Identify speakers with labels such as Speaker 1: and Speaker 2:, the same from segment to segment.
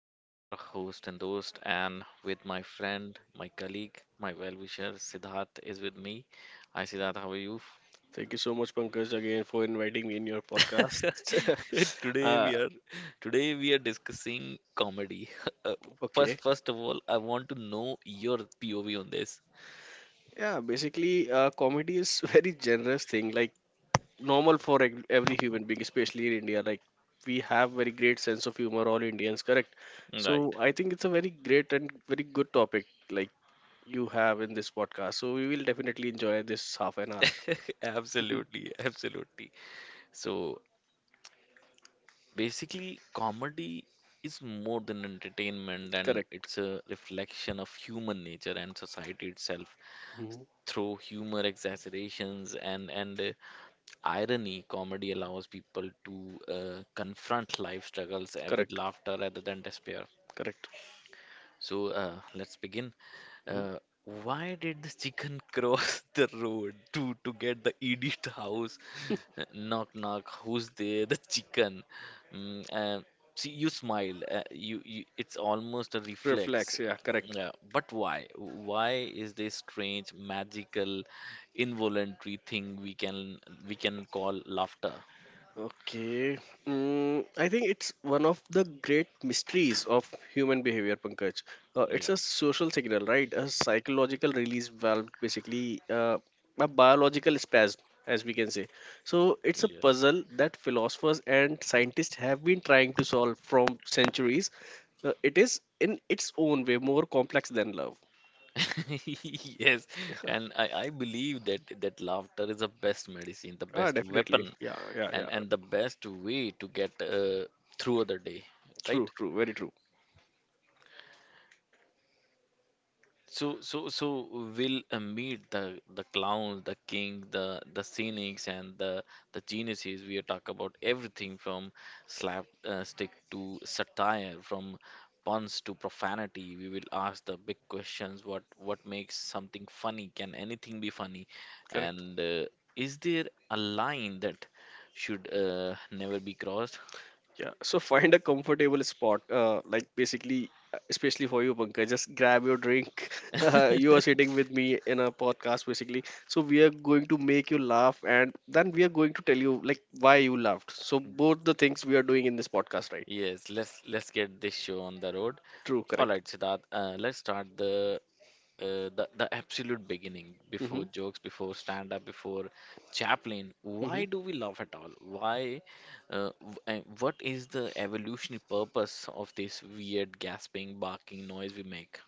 Speaker 1: I am your host and host, and with my friend, my colleague, my well wisher, Siddharth is with me. Hi, Siddharth, how are you?
Speaker 2: Thank you so much, Pankaj, again for inviting me in your podcast.
Speaker 1: Today
Speaker 2: uh,
Speaker 1: we are discussing comedy. Uh,
Speaker 2: okay,
Speaker 1: first of all, I want to know your POV on this.
Speaker 2: yeah, basically, comedy is very generous thing, like normal for every human being, especially in India. Like we have very great sense of humor, all Indians, correct?
Speaker 1: Right.
Speaker 2: So I think it's a very great and very good topic, like you have in this podcast. So we will definitely enjoy this half an hour.
Speaker 1: Absolutely, absolutely. So, basically, comedy is more than entertainment, and
Speaker 2: Correct.
Speaker 1: it's a reflection of human nature and society itself.
Speaker 2: Mhm.
Speaker 1: Through humor, exaggerations, and irony, comedy allows people to confront life struggles with
Speaker 2: Correct.
Speaker 1: laughter rather than despair.
Speaker 2: Correct.
Speaker 1: So let's begin.
Speaker 2: Mhm.
Speaker 1: Uh, why did the chicken cross the road to get the Edith house? Knock knock. Who's there? The chicken. Mm, uh, See, you smile. You it's almost a reflex.
Speaker 2: Reflex. Yeah.
Speaker 1: Uh,
Speaker 2: Correct.
Speaker 1: yeah, but why? Why is this strange, magical, involuntary thing we can call laughter?
Speaker 2: Okay. I think it's one of the great mysteries of human behavior, Pankaj. It's
Speaker 1: Yeah.
Speaker 2: a social signal, right? A psychological release valve, basically, a biological spasm, as we can say. So it's a
Speaker 1: Yes.
Speaker 2: puzzle that philosophers and scientists have been trying to solve from centuries. It is, in its own way, more complex than love.
Speaker 1: Yes, and I believe that laughter is the best medicine, the
Speaker 2: Ah,
Speaker 1: best
Speaker 2: definitely.
Speaker 1: weapon,
Speaker 2: Yeah, yeah,
Speaker 1: and
Speaker 2: yeah.
Speaker 1: and the best way to get through the day, right?
Speaker 2: True, true, very true.
Speaker 1: So we'll meet the clowns, the king, the cynics, and the geniuses. We talk about everything from slapstick to satire, from puns to profanity. We will ask the big questions: what makes something funny? Can anything be funny?
Speaker 2: Correct.
Speaker 1: And is there a line that should never be crossed?
Speaker 2: Yeah, so find a comfortable spot, like basically, especially for you, Pankaj, just grab your drink. You are sitting with me in a podcast, basically. So we are going to make you laugh, and then we are going to tell you like why you laughed. So both the things we are doing in this podcast, right?
Speaker 1: Yes, let's get this show on the road.
Speaker 2: True,
Speaker 1: All
Speaker 2: correct.
Speaker 1: right, Siddharth, let's start the absolute beginning before
Speaker 2: Mm-hmm.
Speaker 1: jokes, before stand up, before Chaplin.
Speaker 2: Mm-hmm.
Speaker 1: Why do we laugh at all? Why and what is the evolutionary purpose of this weird gasping barking noise we make?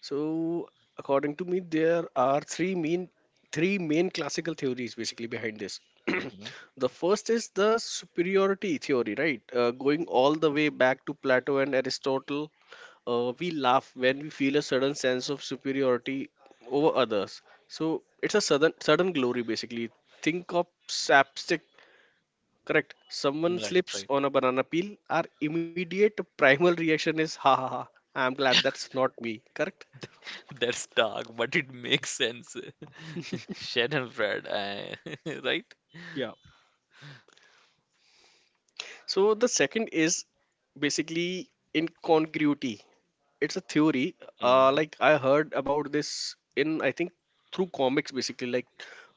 Speaker 2: So, according to me, there are three main classical theories basically behind this.
Speaker 1: Hmm.
Speaker 2: The first is the superiority theory, right? Going all the way back to Plato and Aristotle, we laugh when we feel a sudden sense of superiority over others. So it's a sudden glory basically. Think of slapstick, correct? Someone
Speaker 1: Right,
Speaker 2: slips
Speaker 1: right.
Speaker 2: on a banana peel. Our immediate primal reaction is ha ha ha. I'm glad that's not me, correct?
Speaker 1: That's dark, but it makes sense. Shed and Fred, right.
Speaker 2: Yeah. So the second is basically incongruity. It's a theory.
Speaker 1: Hmm.
Speaker 2: Like I heard about this in, I think, through comics basically. Like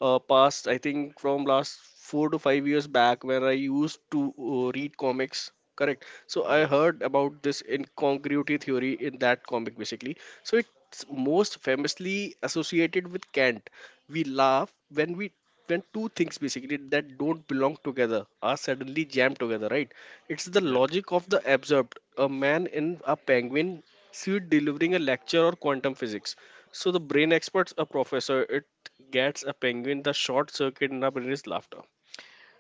Speaker 2: past I think from last 4 to 5 years back where I used to read comics. Correct. So I
Speaker 1: Yes.
Speaker 2: heard about this incongruity theory in that comic basically. So it's most famously associated with Kant. We laugh when two things basically that don't belong together are suddenly jammed together, right? It's the
Speaker 1: Yes.
Speaker 2: logic of the absurd. A man in a penguin suit delivering a lecture or quantum physics. So the brain experts a professor, it gets a penguin, the short circuit in our brain is laughter.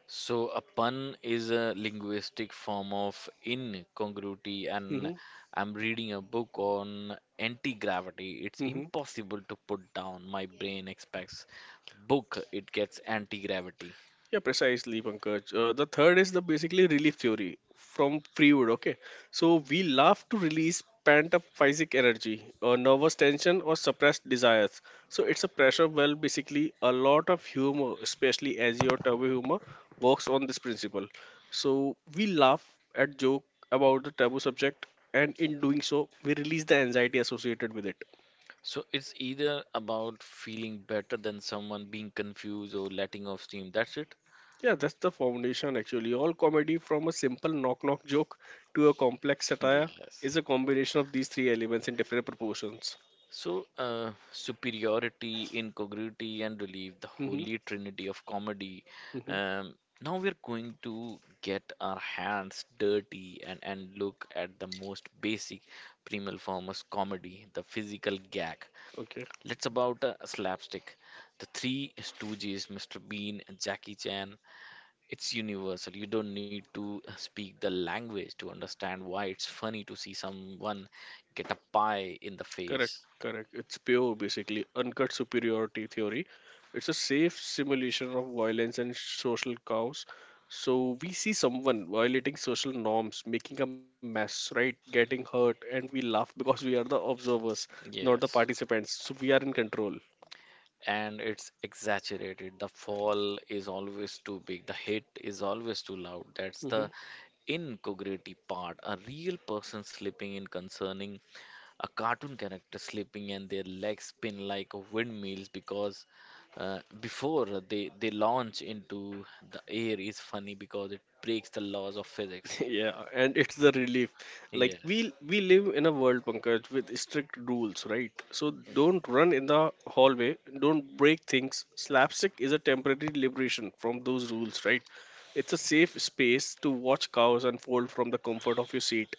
Speaker 1: So, a pun is a linguistic form of incongruity, and
Speaker 2: Hmm.
Speaker 1: I'm reading a book on anti gravity. It's
Speaker 2: Hmm.
Speaker 1: impossible to put down. My brain expects book, it gets anti gravity.
Speaker 2: Yeah, precisely, Pankaj. The third is the basically relief theory from Freewood. Okay, so we laugh to release pent up physic energy, or nervous tension, or suppressed desires. So it's a pressure well. Basically, a lot of humor, especially Azio Turbo humor, works on this principle. So we laugh at joke about the taboo subject, and in doing so, we release the anxiety associated with it.
Speaker 1: So, it's either about feeling better than someone, being confused, or letting off steam. That's it.
Speaker 2: Yeah, that's the foundation actually. All comedy, from a simple knock knock joke to a complex satire,
Speaker 1: Yes.
Speaker 2: is a combination of these three elements in different proportions.
Speaker 1: So, superiority, incongruity, and relief, the
Speaker 2: Hmm.
Speaker 1: holy trinity of comedy.
Speaker 2: Hmm.
Speaker 1: Um, Now we're going to get our hands dirty and, look at the most basic primal form of comedy, the physical gag.
Speaker 2: Okay,
Speaker 1: Let's about slapstick. The three stooges, Mr. Bean, and Jackie Chan, it's universal. You don't need to speak the language to understand why it's funny to see someone get a pie in the
Speaker 2: correct,
Speaker 1: face.
Speaker 2: correct. It's pure, basically, uncut superiority theory. It's a safe simulation of violence and social chaos. So we see someone violating social norms, making a mess, right? Getting hurt, and we laugh because we are the observers, not the
Speaker 1: Yes.
Speaker 2: participants. So we are in control.
Speaker 1: And it's exaggerated. The fall is always too big, the hit is always too loud. That's the
Speaker 2: Mm-hmm.
Speaker 1: incongruity part. A real person slipping in concerning a cartoon character slipping and their legs spin like windmills because before they launch into the air is funny because it breaks the laws of physics.
Speaker 2: Yeah, and it's the relief. Like we
Speaker 1: Yes.
Speaker 2: we live in a world, Pankaj, with strict rules, right? So don't run in the hallway, don't break things. Slapstick is a temporary liberation from those rules, right? It's a safe space to watch cows unfold from the comfort of your seat.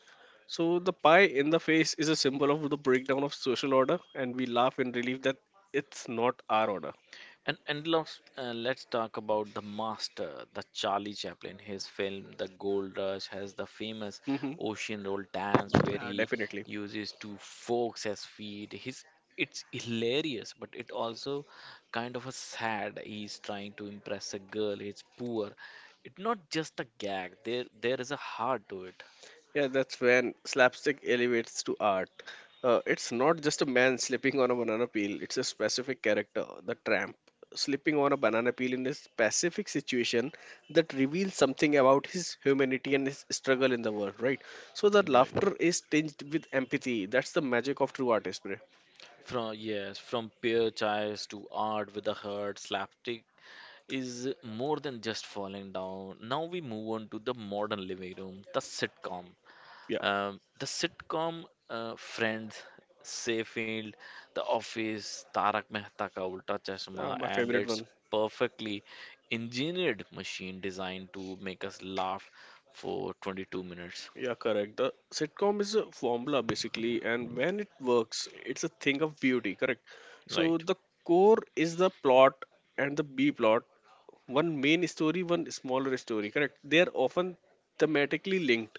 Speaker 2: So the pie in the face is a symbol of the breakdown of social order, and we laugh in relief that it's not our order.
Speaker 1: And let's talk about the master, the Charlie Chaplin. His film The Gold Rush has the famous
Speaker 2: Hmm.
Speaker 1: ocean roll dance where he
Speaker 2: Definitely.
Speaker 1: uses two forks as feet. His it's hilarious, but it also kind of a sad. He's trying to impress a girl. He's poor. It's not just a gag. There is a heart to it.
Speaker 2: Yeah, that's when slapstick elevates to art. It's not just a man slipping on a banana peel, it's a specific character, the tramp, slipping on a banana peel in a specific situation that reveals something about his humanity and his struggle in the world, right? So that
Speaker 1: Right.
Speaker 2: laughter is tinged with empathy. That's the magic of true art spray.
Speaker 1: From yes, from pure childs to art with a heart, slapstick is more than just falling down. Now we move on to the modern living room, the sitcom.
Speaker 2: Yeah,
Speaker 1: The sitcom Friends, Seyfield, The Office, Tarak Mehta Ka Ulta Chashma,
Speaker 2: my
Speaker 1: and
Speaker 2: favorite
Speaker 1: its
Speaker 2: one.
Speaker 1: perfectly engineered machine designed to make us laugh for 22 minutes.
Speaker 2: Yeah, correct. The sitcom is a formula basically, and when it works, it's a thing of beauty, correct? So
Speaker 1: Right.
Speaker 2: the core is the plot and the B plot, one main story, one smaller story, correct? They are often thematically linked,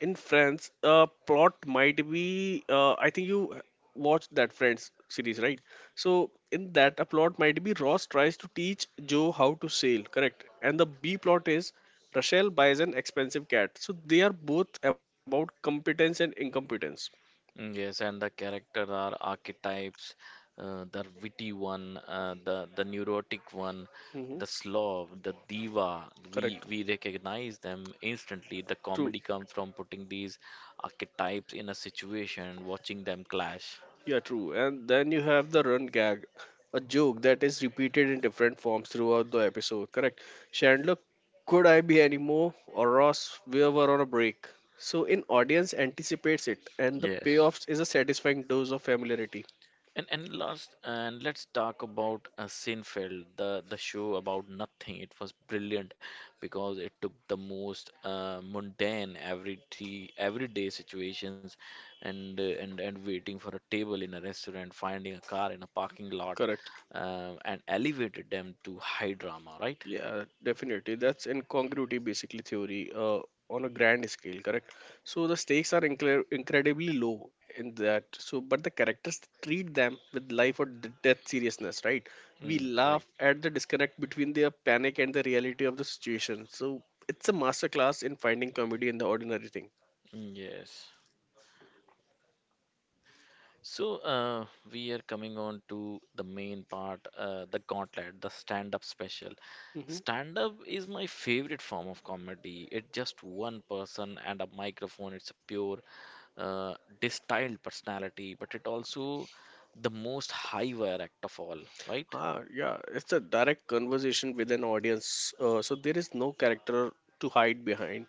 Speaker 2: in Friends, a plot might be. I think you watched that Friends series, right? So in that, a plot might be Ross tries to teach Joe how to sail, correct? And the B plot is Rachel buys an expensive cat. So they are both about competence and incompetence.
Speaker 1: Mm, yes, and the character are archetypes, the witty one, the neurotic one,
Speaker 2: Hmm.
Speaker 1: the slob, the diva. We
Speaker 2: Correct.
Speaker 1: we recognize them instantly. The
Speaker 2: True.
Speaker 1: comedy comes from putting these archetypes in a situation and watching them clash.
Speaker 2: Yeah, true. And then you have the run gag, a joke that is repeated in different forms throughout the episode. Correct. Chandler, could I be any more? Or Ross, we were on a break. So in audience anticipates it, and the
Speaker 1: Yes.
Speaker 2: payoffs is a satisfying dose of familiarity.
Speaker 1: And last and let's talk about Seinfeld, the show about nothing. It was brilliant because it took the most mundane everyday situations, and waiting for a table in a restaurant, finding a car in a parking lot,
Speaker 2: Correct.
Speaker 1: and elevated them to high drama, right?
Speaker 2: Yeah, definitely. That's incongruity basically theory on a grand scale, correct? So the stakes are incredibly low in that. So, but the characters treat them with life or death seriousness, right? We
Speaker 1: Mm,
Speaker 2: laugh
Speaker 1: right.
Speaker 2: at the disconnect between their panic and the reality of the situation. So it's a masterclass in finding comedy in the ordinary thing.
Speaker 1: Mm, yes. So, we are coming on to the main part, the gauntlet, the stand-up special.
Speaker 2: Hmm.
Speaker 1: Stand-up is my favorite form of comedy. It's just one person and a microphone. It's a pure, uh, distilled personality, but it also the most high-wire act of all, right?
Speaker 2: Ah, yeah, it's a direct conversation with an audience, so there is no character to hide behind.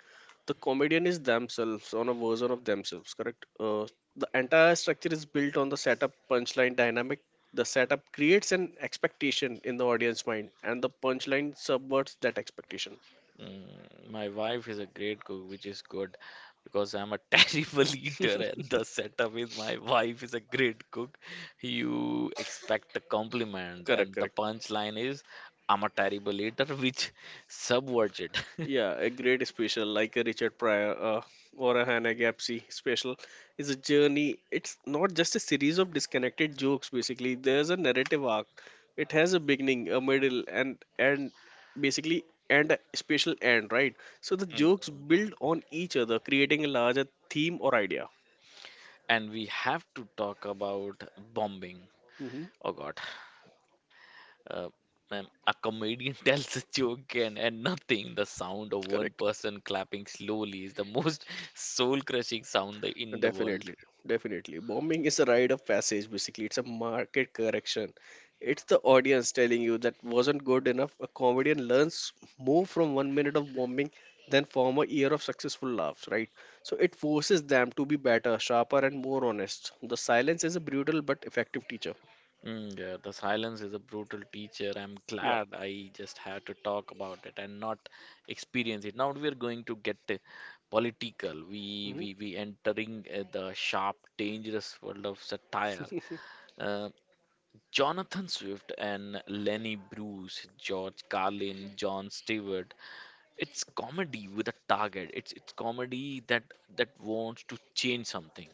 Speaker 2: The comedian is themselves on a version of themselves, correct? The entire structure is built on the setup punchline dynamic. The setup creates an expectation in the audience mind, and the punchline subverts that expectation.
Speaker 1: Mm, my wife is a great cook, which is good because I'm a terrible eater. And the setup is my wife is a great cook. You expect a compliment,
Speaker 2: Correct,
Speaker 1: and the
Speaker 2: correct.
Speaker 1: punchline is I'm a terrible eater, which subverts it.
Speaker 2: Yeah, a great special like a Richard Pryor or a Hannah Gapsey special is a journey. It's not just a series of disconnected jokes, basically. There's a narrative arc. It has a beginning, a middle, and a special end, right? So the jokes
Speaker 1: Mm.
Speaker 2: build on each other, creating a larger theme or idea.
Speaker 1: And we have to talk about bombing.
Speaker 2: Hmm.
Speaker 1: Oh God. Uh, Ma'am, a comedian tells a joke and, nothing. The sound of
Speaker 2: Correct.
Speaker 1: one person clapping slowly is the most soul-crushing sound in the world.
Speaker 2: Definitely, definitely. Bombing is a rite of passage, basically. It's a market correction. It's the audience telling you that wasn't good enough. A comedian learns more from 1 minute of bombing than from a year of successful laughs, right? So it forces them to be better, sharper, and more honest. The silence is a brutal but effective teacher.
Speaker 1: Mm, yeah, the silence is a brutal teacher. I'm
Speaker 2: Yeah.
Speaker 1: glad I just had to talk about it and not experience it. Now we are going to get political. We entering the sharp, dangerous world of satire. Uh, Jonathan Swift and Lenny Bruce, George Carlin, John Stewart. It's comedy with a target. It's comedy that that wants to change something,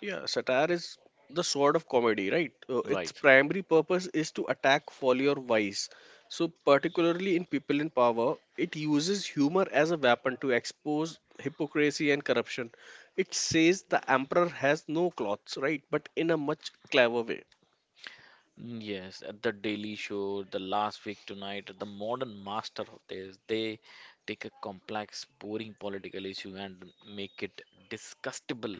Speaker 2: Yeah, satire is the sword of comedy, right? Its
Speaker 1: right?
Speaker 2: primary purpose is to attack folly or vice. So, particularly in People in Power, it uses humor as a weapon to expose hypocrisy and corruption. It says the emperor has no clothes, right? But in a much clever way.
Speaker 1: Mm, yes, at the Daily Show, the last week tonight, the modern master of this, they take a complex, boring political issue and make it disgustable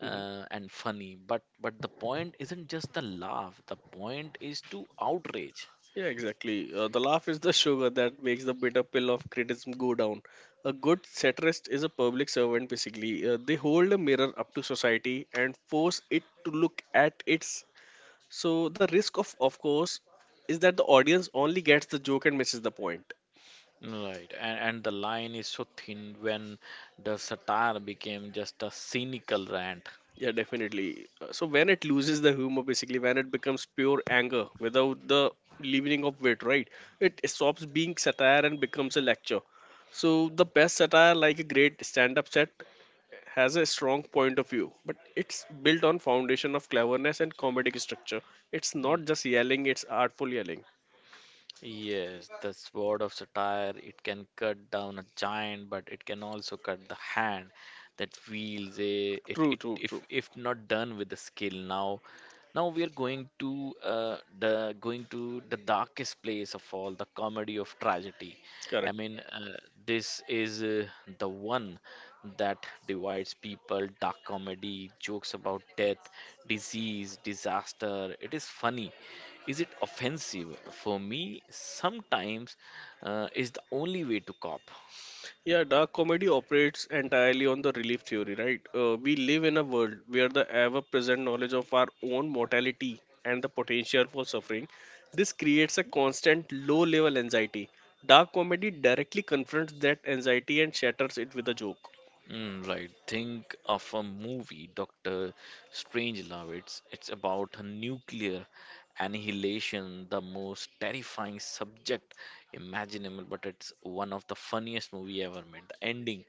Speaker 2: Mm-hmm.
Speaker 1: and funny. But the point isn't just the laugh. The point is to outrage.
Speaker 2: Yeah, exactly. The laugh is the sugar that makes the bitter pill of criticism go down. A good satirist is a public servant, basically. They hold a mirror up to society and force it to look at its. So, the risk of course, is that the audience only gets the joke and misses the point.
Speaker 1: Right, and, the line is so thin when the satire became just a cynical rant.
Speaker 2: Yeah, definitely. So when it loses the humor, basically when it becomes pure anger without the leavening of wit, right? It stops being satire and becomes a lecture. So the best satire, like a great stand-up set, has a strong point of view, but it's built on foundation of cleverness and comedic structure. It's not just yelling; it's artful yelling.
Speaker 1: Yes, the sword of satire, it can cut down a giant, but it can also cut the hand that wields a, it,
Speaker 2: True,
Speaker 1: it
Speaker 2: true, true.
Speaker 1: if not done with the skill. Now, now we are going to the darkest place of all, the comedy of tragedy. I
Speaker 2: Correct.
Speaker 1: mean, this is the one that divides people. Dark comedy, jokes about death, disease, disaster. It is funny is it offensive for me sometimes is the only way to cop.
Speaker 2: Yeah, dark comedy operates entirely on the relief theory, right? We live in a world where the ever present knowledge of our own mortality and the potential for suffering this creates a constant low level anxiety. Dark comedy directly confronts that anxiety and shatters it with a joke.
Speaker 1: Mm, right. Think of a movie, Doctor Strangelove. It's about a nuclear annihilation, the most terrifying subject imaginable, but it's one of the funniest movie ever made. The ending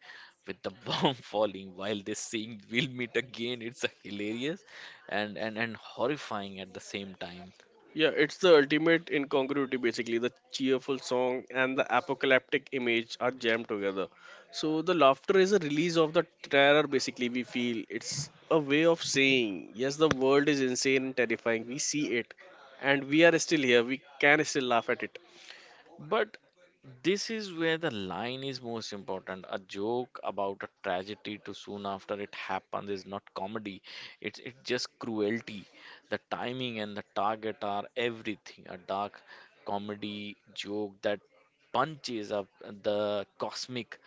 Speaker 1: with the bomb falling while they sing "We'll meet again." It's hilarious and and horrifying at the same time.
Speaker 2: Yeah, it's the ultimate incongruity basically. The cheerful song and the apocalyptic image are jammed together. So the laughter is a release of the terror basically we feel. It's a way of saying, yes, the world is insane and terrifying. We see it and we are still here. We can still laugh at it.
Speaker 1: But this is where the line is most important. A joke about a tragedy too soon after it happens is not comedy. It's just cruelty. The timing and the target are everything. A dark comedy joke that punches up the cosmic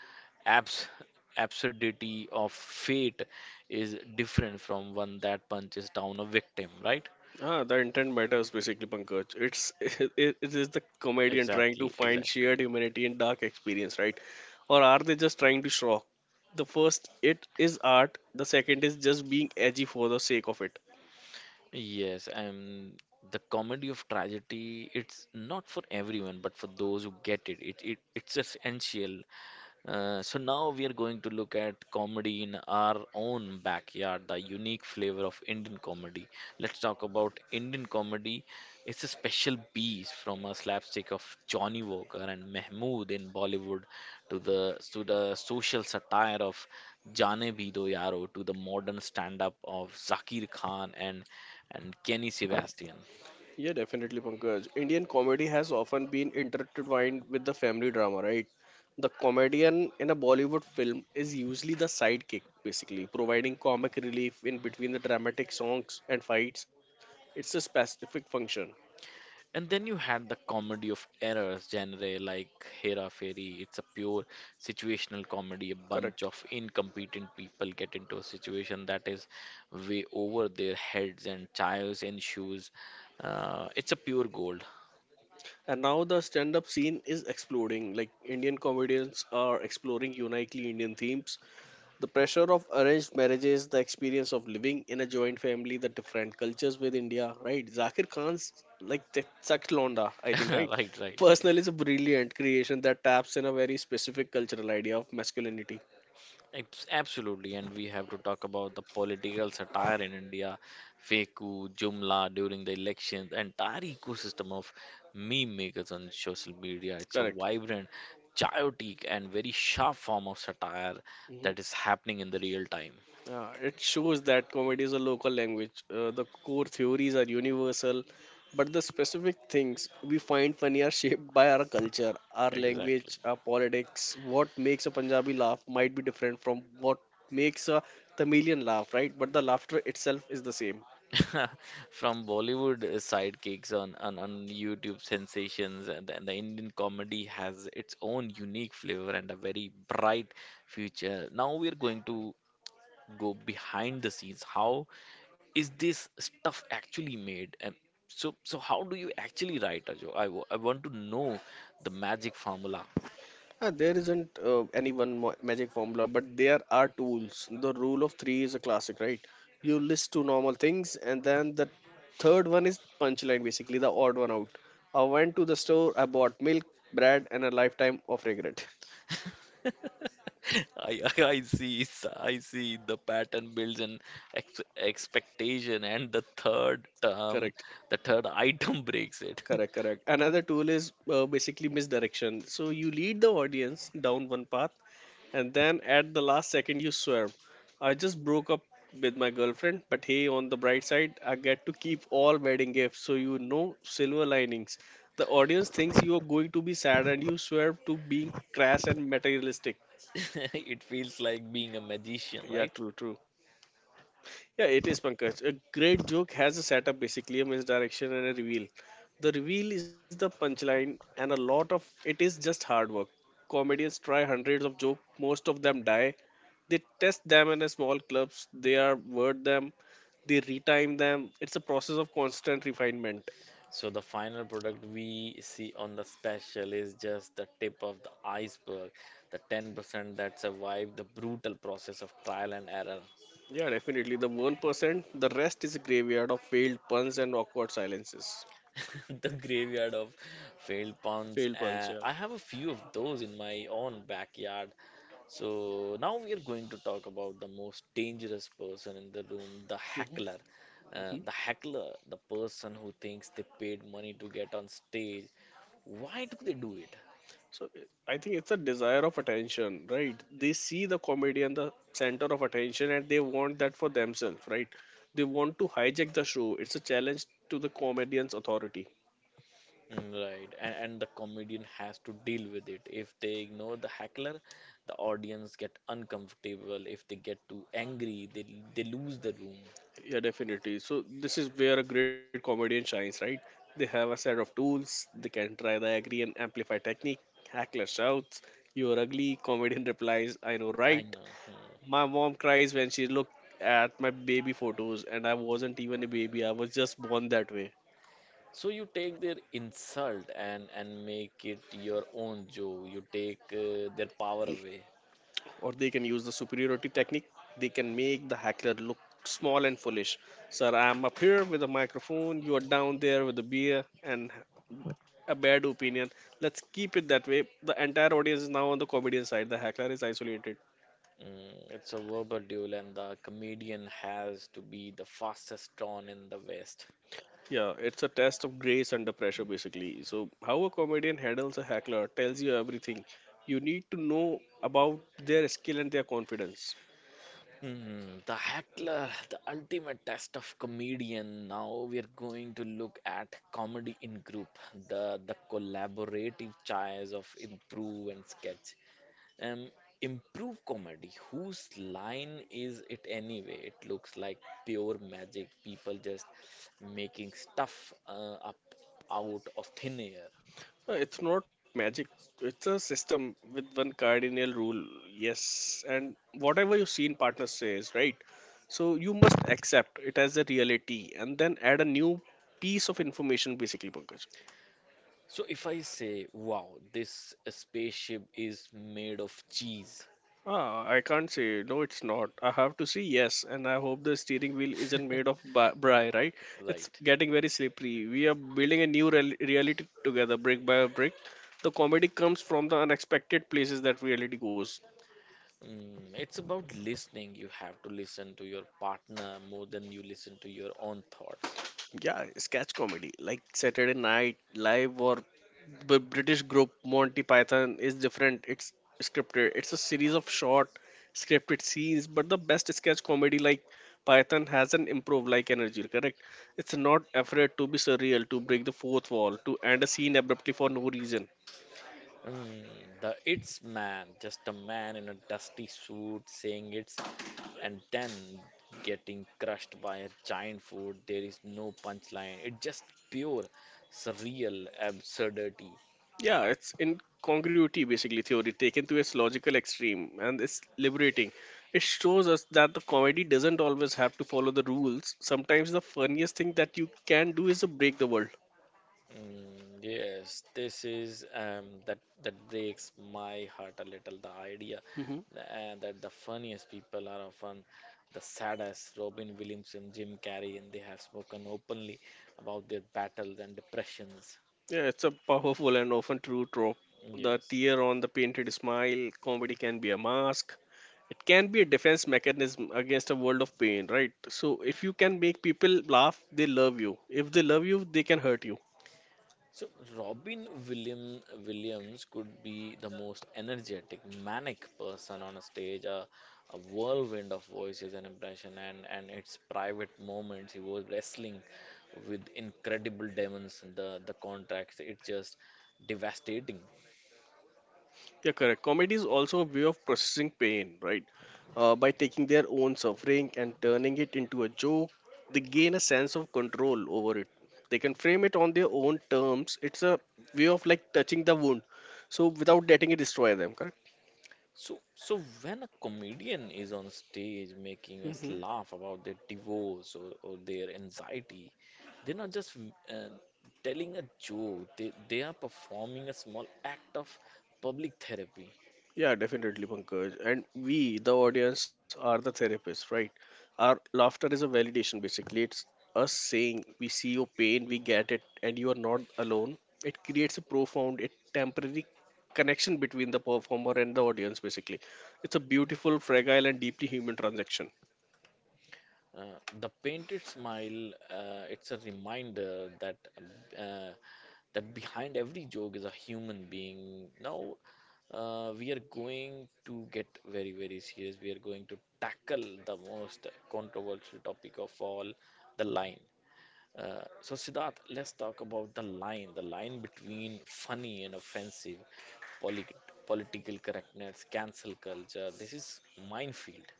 Speaker 1: abs absurdity of fate is different from one that punches down a victim, right?
Speaker 2: Ah, the intent matters basically, Pankaj. It's it is the comedian trying to
Speaker 1: Exactly,
Speaker 2: find
Speaker 1: exactly.
Speaker 2: shared humanity in dark experience, right? Or are they just trying to shock? The first it is art. The second is just being edgy for the sake of it.
Speaker 1: Yes, and the comedy of tragedy, it's not for everyone, but for those who get it, it's essential. So now we are going to look at comedy in our own backyard, the unique flavor of Indian comedy. Let's talk about Indian comedy. It's a special beast from a slapstick of Johnny Walker and Mehmood in Bollywood to the social satire of Jaane Bhi Do Yaro to the modern stand-up of Zakir Khan and Kenny Sebastian.
Speaker 2: Yeah, definitely, Pankaj. Indian comedy has often been intertwined with the family drama, right? The comedian in a Bollywood film is usually the sidekick, basically, providing comic relief in between the dramatic songs and fights. It's a specific function.
Speaker 1: And then you had the comedy of errors genre like Hera Fairy. It's a pure situational comedy. A bunch
Speaker 2: Correct.
Speaker 1: of incompetent people get into a situation that is way over their heads and chaos ensues. It's a pure gold.
Speaker 2: And now the stand up scene is exploding. Like Indian comedians are exploring uniquely Indian themes. The pressure of arranged marriages, the experience of living in a joint family, the different cultures with India, right? Zakir Khan's like Chak Londa, I think, right?
Speaker 1: Right, right.
Speaker 2: Personal is a brilliant creation that taps in a very specific cultural idea of masculinity.
Speaker 1: Absolutely, and we have to talk about the political satire in India, Feku, Jumla during the elections, entire ecosystem of meme makers on social media. It's a
Speaker 2: Correct.
Speaker 1: vibrant, chaotic, and very sharp form of satire
Speaker 2: Hmm.
Speaker 1: that is happening in the real time.
Speaker 2: It shows that comedy is a local language. The core theories are universal, but the specific things we find funny are shaped by our culture, our
Speaker 1: Exactly.
Speaker 2: language, our politics. What makes a Punjabi laugh might be different from what makes a Tamilian laugh, right? But the laughter itself is the same.
Speaker 1: From Bollywood sidekicks on, on YouTube sensations, and the Indian comedy has its own unique flavor and a very bright future. Now we're going to go behind the scenes. How is this stuff actually made? And so how do you actually write a joke? I want to know the magic formula.
Speaker 2: There isn't any one magic formula, but there are tools. The rule of three is a classic, right? You list two normal things, and then the third one is punchline, basically the odd one out. I went to the store, I bought milk, bread, and a lifetime of regret.
Speaker 1: I see I see the pattern builds an ex expectation and the third term
Speaker 2: Correct,
Speaker 1: the third item breaks it.
Speaker 2: correct. Another tool is basically misdirection. So you lead the audience down one path, and then at the last second, you swear, I just broke up with my girlfriend, but hey, on the bright side, I get to keep all wedding gifts. So, you know, silver linings. The audience thinks you are going to be sad and you swear to being crass and materialistic.
Speaker 1: It feels like being a magician,
Speaker 2: Yeah,
Speaker 1: right?
Speaker 2: true, true. Yeah, it is Pankaj. A great joke has a setup, basically a misdirection and a reveal. The reveal is the punchline, and a lot of it is just hard work. Comedians try hundreds of jokes, most of them die. They test them in a small clubs, they are word them, they retime them. It's a process of constant refinement.
Speaker 1: So the final product we see on the special is just the tip of the iceberg, the 10% that survived the brutal process of trial and error,
Speaker 2: Yeah, definitely. The 1%, the rest is a graveyard of failed puns and awkward silences.
Speaker 1: the graveyard of failed puns.
Speaker 2: Failed puns, yeah.
Speaker 1: I have a few of those in my own backyard. So now we are going to talk about the most dangerous person in the room, the heckler.
Speaker 2: Mhm.
Speaker 1: The heckler, the person who thinks they paid money to get on stage. Why do they do it?
Speaker 2: So it- I think it's a desire of attention, right? They see the comedian the center of attention and they want that for themselves, right? They want to hijack the show. It's a challenge to the comedian's authority.
Speaker 1: Mm, right, and, the comedian has to deal with it. If they ignore the heckler, the audience get uncomfortable. If they get too angry, they lose the room.
Speaker 2: Yeah, definitely. So this is where a great comedian shines, right? They have a set of tools. They can try the agree and amplify technique. Hackler shouts, "You're ugly." Comedian replies, "I know,
Speaker 1: I
Speaker 2: right?"
Speaker 1: know. Hmm.
Speaker 2: My mom cries when she looked at my baby photos, and I wasn't even a baby. I was just born that way.
Speaker 1: So you take their insult and make it your own joke. You take their power away.
Speaker 2: Or they can use the superiority technique. They can make the heckler look small and foolish. Sir, I am up here with a microphone, you are down there with a beer and a bad opinion. Let's keep it that way. The entire audience is now on the comedian side, the heckler is isolated.
Speaker 1: Mm, it's a verbal duel, and the comedian has to be the fastest drawn in the West.
Speaker 2: Yeah, it's a test of grace under pressure, basically. So, how a comedian handles a heckler tells you everything you need to know about their skill and their confidence.
Speaker 1: Hmm, the heckler, the ultimate test of comedian. Now we are going to look at comedy in group, the collaborative chairs of improve and sketch. Um, Improve comedy. Whose line is it anyway? It looks like pure magic. People just making stuff up out of thin air.
Speaker 2: It's not magic. It's a system with one cardinal rule. Yes, and whatever your scene partner says, right? So you must accept it as a reality and then add a new piece of information, basically, Pankaj.
Speaker 1: So if I say, wow, this spaceship is made of cheese,
Speaker 2: Ah, I can't say no. It's not. I have to say yes, and I hope the steering wheel isn't made of bri, right? It's
Speaker 1: right?
Speaker 2: getting very slippery. We are building a new reality together, brick by brick. The comedy comes from the unexpected places that reality goes.
Speaker 1: Mm, it's about listening. You have to listen to your partner more than you listen to your own thoughts.
Speaker 2: Yeah, sketch comedy like Saturday Night Live or the British group Monty Python is different. It's scripted. It's a series of short scripted scenes, but the best sketch comedy like Python has an improv like energy, correct? It's not afraid to be surreal, to break the fourth wall, to end a scene abruptly for no reason.
Speaker 1: Mm, the it's man, just a man in a dusty suit saying it's and then getting crushed by a giant food. There is no punchline. It's just pure, surreal absurdity.
Speaker 2: Yeah, it's incongruity basically theory taken to its logical extreme and it's liberating. It shows us that the comedy doesn't always have to follow the rules. Sometimes the funniest thing that you can do is to break the world.
Speaker 1: Mm, yes, this is that breaks my heart a little. The idea
Speaker 2: Hmm.
Speaker 1: that the funniest people are often the saddest. Robin Williams and Jim Carrey, and they have spoken openly about their battles and depressions.
Speaker 2: Yeah, it's a powerful and often true trope. The
Speaker 1: Yes.
Speaker 2: tear on the painted smile, comedy can be a mask. It can be a defense mechanism against a world of pain, right? So if you can make people laugh, they love you. If they love you, they can hurt you.
Speaker 1: So Robin William Williams could be the most energetic, manic person on a stage, a whirlwind of voices and impression, and its private moments. He was wrestling with incredible demons. The contracts, it's just devastating.
Speaker 2: Yeah, correct. Comedy is also a way of processing pain, right? By taking their own suffering and turning it into a joke, they gain a sense of control over it. They can frame it on their own terms. It's a way of like touching the wound, so without letting it destroy them, correct?
Speaker 1: So, so when a comedian is on stage making us
Speaker 2: Hmm.
Speaker 1: laugh about their divorce or their anxiety, they're not just uh, telling a joke. They are performing a small act of public therapy.
Speaker 2: Yeah, definitely, Pankaj. And we, the audience, are the therapists, right? Our laughter is a validation, basically. It's us saying, we see your pain, we get it, and you are not alone. It creates a profound, it temporary connection between the performer and the audience, basically. It's a beautiful, fragile, and deeply human transaction.
Speaker 1: The painted smile, it's a reminder that uh, that behind every joke is a human being. Now, we are going to get very, very serious. We are going to tackle the most controversial topic of all, the line. So, Siddharth, let's talk about the line between funny and offensive, polit- political correctness, cancel culture. This is minefield.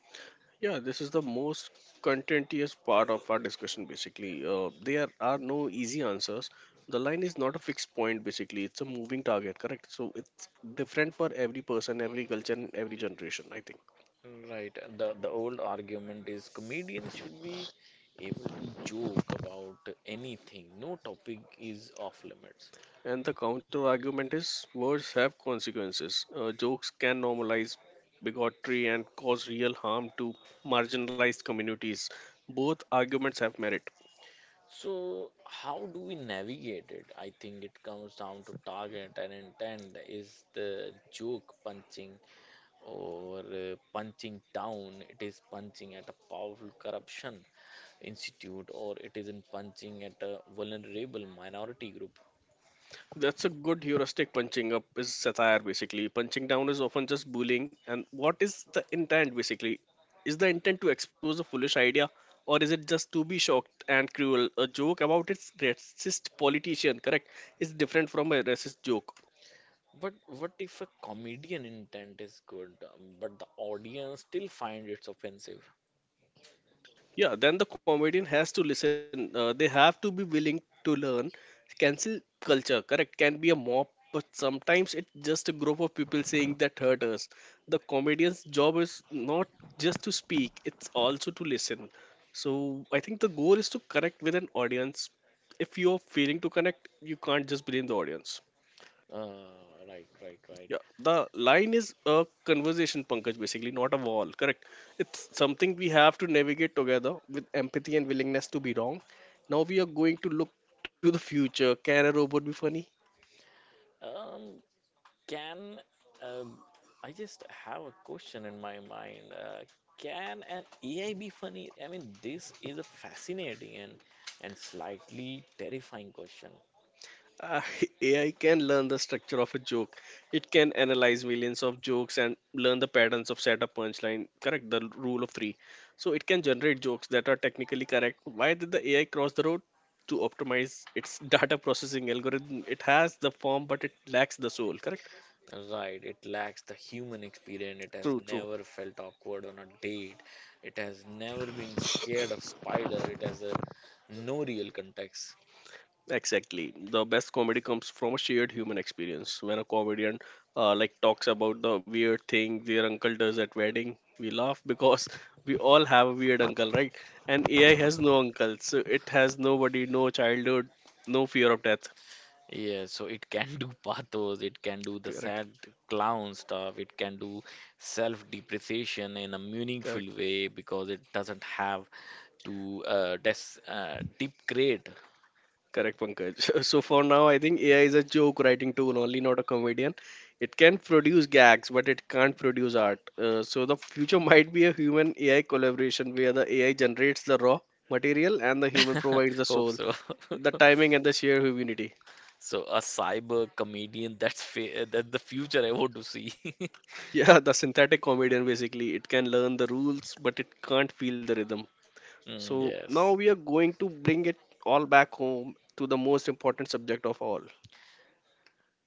Speaker 2: Yeah, this is the most contentious part of our discussion basically. There are no easy answers. The line is not a fixed point basically, it's a moving target, correct? So it's different for every person, every culture, and every generation, I think.
Speaker 1: Right. And the old argument is comedians should be able to joke about anything. No topic is off limits.
Speaker 2: And the counter argument is words have consequences. Jokes can normalize bigotry and cause real harm to marginalized communities. Both arguments have merit.
Speaker 1: So how do we navigate it? I think it comes down to target and intent. Is the joke punching or punching down? It is punching at a powerful corruption institute or it isn't punching at a vulnerable minority group.
Speaker 2: That's a good heuristic. Punching up is satire, basically. Punching down is often just bullying. And what is the intent, basically? Is the intent to expose a foolish idea, or is it just to be shocked and cruel? A joke about its racist politician, correct, is different from a racist joke.
Speaker 1: But what if a comedian intent is good, but the audience still find it's offensive?
Speaker 2: Yeah, then the comedian has to listen. They have to be willing to learn. Cancel culture, correct, can be a mob, but sometimes it's just a group of people saying that hurt us. The comedian's job is not just to speak, it's also to listen. So I think the goal is to connect with an audience. If you're failing to connect, you can't just blame the audience.
Speaker 1: Uh, right, right, right.
Speaker 2: Yeah, the line is a conversation, Pankaj, basically, not a wall, correct? It's something we have to navigate together with empathy and willingness to be wrong. Now we are going to look to the future. Can a robot be funny?
Speaker 1: Um, can um, I just have a question in my mind? Can an AI be funny? I mean, this is a fascinating and slightly terrifying question.
Speaker 2: Uh, AI can learn the structure of a joke. It can analyze millions of jokes and learn the patterns of setup punchline. Correct, the rule of three. So it can generate jokes that are technically correct. Why did the AI cross the road? To optimize its data processing algorithm. It has the form, but it lacks the soul. Correct?
Speaker 1: Right, it lacks the human experience. It has
Speaker 2: True,
Speaker 1: never
Speaker 2: true.
Speaker 1: felt awkward on a date. It has never been scared of spider. It has a no real context.
Speaker 2: Exactly. The best comedy comes from a shared human experience. When a comedian like talks about the weird thing their uncle does at wedding, we laugh because we all have a weird uncle, right? And AI has no uncle, so it has nobody, no childhood, no fear of death.
Speaker 1: Yeah, so it can do pathos, it can do the sad
Speaker 2: Correct.
Speaker 1: clown stuff, it can do self-depreciation in a meaningful
Speaker 2: Correct.
Speaker 1: way because it doesn't have to des degrade.
Speaker 2: Correct, Pankaj. So for now, I think AI is a joke writing tool, only not a comedian. It can produce gags, but it can't produce art. So the future might be a human AI collaboration where the AI generates the raw material and the human provides the
Speaker 1: Hope
Speaker 2: soul,
Speaker 1: so.
Speaker 2: the timing, and the sheer humanity.
Speaker 1: So a cyber comedian, that's the future I want to see.
Speaker 2: Yeah, the synthetic comedian basically. It can learn the rules, but it can't feel the rhythm.
Speaker 1: Mm,
Speaker 2: So now
Speaker 1: yes.
Speaker 2: we are going to bring it all back home to the most important subject of all.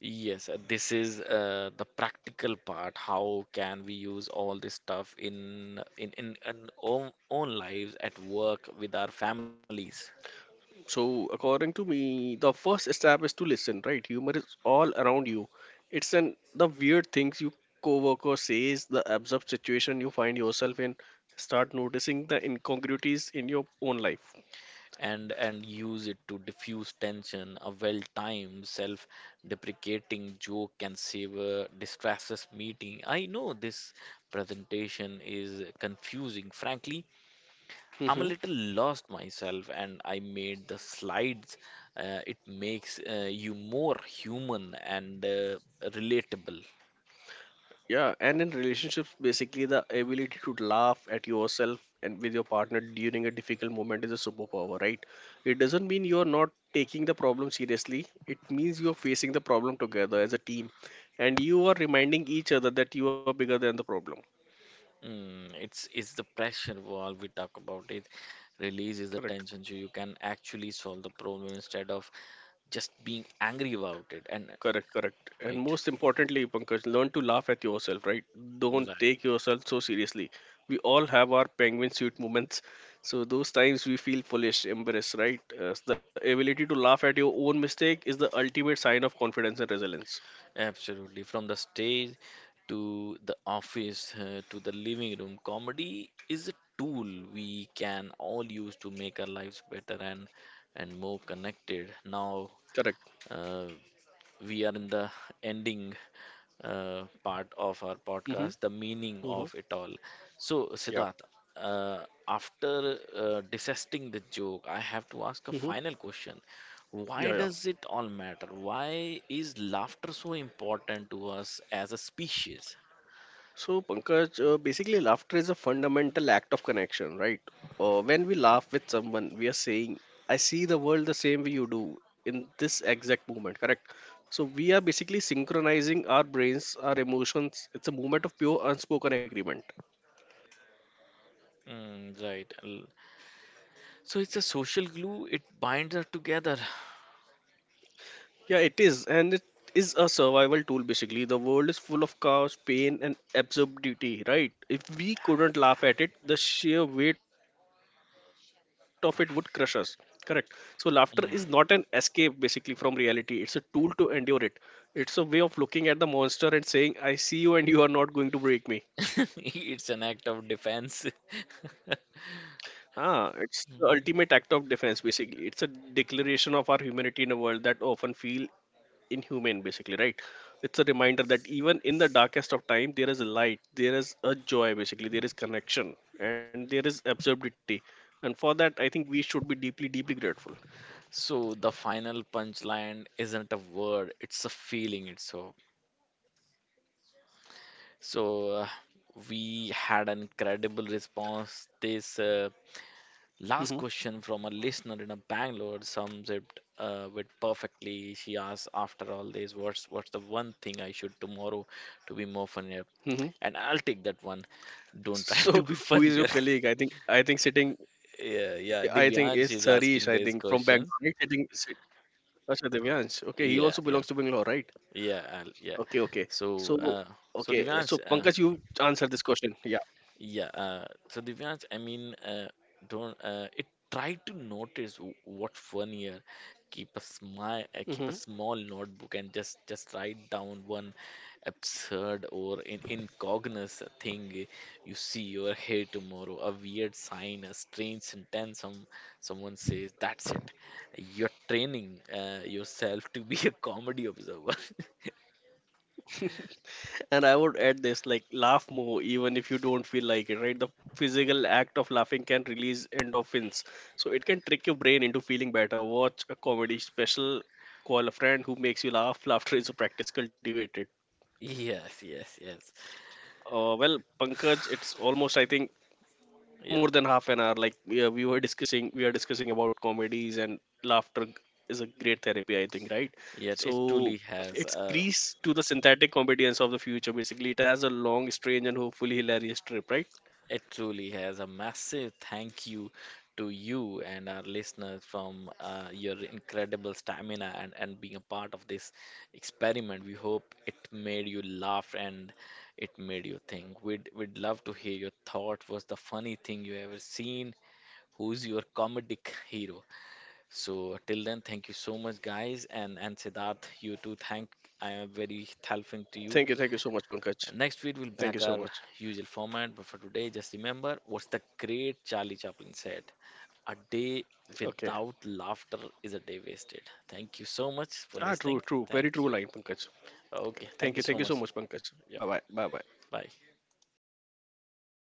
Speaker 1: Yes, this is the practical part. How can we use all this stuff in own lives at work with our families
Speaker 2: So, according to me, the first step is to listen, right? Humor is all around you. It's an the weird things you coworker says, the absurd situation you find yourself in. Start noticing the incongruities in your own life.
Speaker 1: and use it to diffuse tension. A well-timed, self-deprecating joke can save a disastrous meeting. I know this presentation is confusing, frankly, I'm
Speaker 2: Mm-hmm.
Speaker 1: a little lost myself, and I made the slides. It makes you more human and relatable.
Speaker 2: Yeah, and in relationships, basically the ability to laugh at yourself and with your partner during a difficult moment is a superpower, right? It doesn't mean you're not taking the problem seriously. It means you're facing the problem together as a team and you are reminding each other that you are bigger than the problem.
Speaker 1: Mm, it's the pressure while we talk about it releases the
Speaker 2: Correct.
Speaker 1: tension so you can actually solve the problem instead of just being angry about it and
Speaker 2: Correct, correct. And
Speaker 1: right
Speaker 2: most importantly, Pankaj, learn to laugh at yourself, right? Don't
Speaker 1: right.
Speaker 2: take yourself so seriously. We all have our penguin suit moments. So, those times we feel foolish, embarrassed, right? The ability to laugh at your own mistake is the ultimate sign of confidence and resilience.
Speaker 1: Absolutely. From the stage to the office to the living room, comedy is a tool we can all use to make our lives better and more connected. Now,
Speaker 2: Correct.
Speaker 1: uh, we are in the ending part of our podcast,
Speaker 2: Mm-hmm.
Speaker 1: the meaning
Speaker 2: Mm-hmm.
Speaker 1: of it all. So,
Speaker 2: Yeah.
Speaker 1: Siddharth, uh, after dissecting the joke, I have to ask a
Speaker 2: Mm-hmm.
Speaker 1: final question. Why
Speaker 2: Yeah, yeah.
Speaker 1: does it all matter? Why is laughter so important to us as a species?
Speaker 2: So, Pankaj, basically, laughter is a fundamental act of connection, right? When we laugh with someone, we are saying, I see the world the same way you do in this exact moment, correct? So, we are basically synchronizing our brains, our emotions. It's a moment of pure unspoken agreement.
Speaker 1: Mm, right. L- So it's a social glue, it binds us together.
Speaker 2: Yeah, it is, and it is a survival tool basically. The world is full of chaos, pain, and absurdity, right? If we couldn't laugh at it, the sheer weight of it would crush us. Correct. So, laughter is not an escape basically from
Speaker 1: Mm.
Speaker 2: reality, it's a tool to endure it. It's a way of looking at the monster and saying, I see you, and you are not going to break me.
Speaker 1: It's an act of defense.
Speaker 2: Ah, it's the
Speaker 1: Mm.
Speaker 2: ultimate act of defense, basically. It's a declaration of our humanity in a world that often feel inhumane, basically, right? It's a reminder that even in the darkest of time, there is a light, there is a joy, basically, there is connection, and there is absurdity. And for that, I think we should be deeply, deeply grateful.
Speaker 1: So the final punchline isn't a word, it's a feeling itself. So we had an incredible response. This
Speaker 2: Hmm.
Speaker 1: last question from a listener in a Bangalore sums it with perfectly. She asked, after all this, what's the one thing I should tomorrow to be more funnier?
Speaker 2: Hmm.
Speaker 1: And I'll take that one.
Speaker 2: So,
Speaker 1: Don't try
Speaker 2: who is
Speaker 1: to
Speaker 2: your
Speaker 1: be
Speaker 2: colleague? I
Speaker 1: funnier.
Speaker 2: think, I think sitting,
Speaker 1: Yeah,
Speaker 2: I
Speaker 1: yeah.
Speaker 2: think is
Speaker 1: Divyansh is
Speaker 2: Sarish. I
Speaker 1: asking
Speaker 2: think
Speaker 1: these
Speaker 2: from Bangalore, right?
Speaker 1: questions.
Speaker 2: Achha Divyansh. Okay, he also
Speaker 1: Yeah,
Speaker 2: belongs
Speaker 1: yeah,
Speaker 2: to Bangalore, right?
Speaker 1: yeah, I'll, yeah.
Speaker 2: Okay, okay.
Speaker 1: So,
Speaker 2: So, okay,
Speaker 1: Divyansh,
Speaker 2: so Pankaj, you answer this question. Yeah.
Speaker 1: Divyansh, I mean, don't it try to notice what fun here. Keep a smile, keep a
Speaker 2: Hmm.
Speaker 1: small notebook, and just write down one absurd or in incognito thing you see or hear tomorrow. A weird sign, a strange sentence, some someone says. That's it. You're training yourself to be a comedy observer.
Speaker 2: And I would add this like laugh more even if you don't feel like it, right? The physical act of laughing can release endorphins. So it can trick your brain into feeling better. Watch a comedy special, call a friend who makes you laugh. Laughter is a practice cultivated.
Speaker 1: Yes, yes, yes.
Speaker 2: Well, Pankaj, it's almost, I think, more
Speaker 1: Yeah,
Speaker 2: than half an hour like yeah, we are discussing about comedies and laughter is a great therapy, I think, right?
Speaker 1: yet it
Speaker 2: So
Speaker 1: truly has.
Speaker 2: it's grease to the synthetic comedians of the future basically, it has a long strange and hopefully hilarious trip, right?
Speaker 1: It truly has a massive thank you to you and our listeners from your incredible stamina and being a part of this experiment. We hope it made you laugh and it made you think. We'd love to hear your thought. Was the funny thing you ever seen? Who's your comedic hero? So till then, thank you so much, guys. And Siddharth, you too. Thank I am very thankful to you.
Speaker 2: Thank you, so much, Pankaj.
Speaker 1: Next week, we'll
Speaker 2: Thank
Speaker 1: back
Speaker 2: you so
Speaker 1: our
Speaker 2: much.
Speaker 1: usual format, but for today, just remember what's the great Charlie Chaplin said, a day
Speaker 2: Okay.
Speaker 1: without laughter is a day wasted. Thank you so much for
Speaker 2: Ah, true,
Speaker 1: listening.
Speaker 2: true, very
Speaker 1: Thank
Speaker 2: true
Speaker 1: you.
Speaker 2: line, Pankaj.
Speaker 1: Okay, thank
Speaker 2: Thank
Speaker 1: you
Speaker 2: you thank
Speaker 1: so
Speaker 2: you so
Speaker 1: much.
Speaker 2: much, Pankaj.
Speaker 1: Yeah,
Speaker 2: Bye bye.
Speaker 1: bye.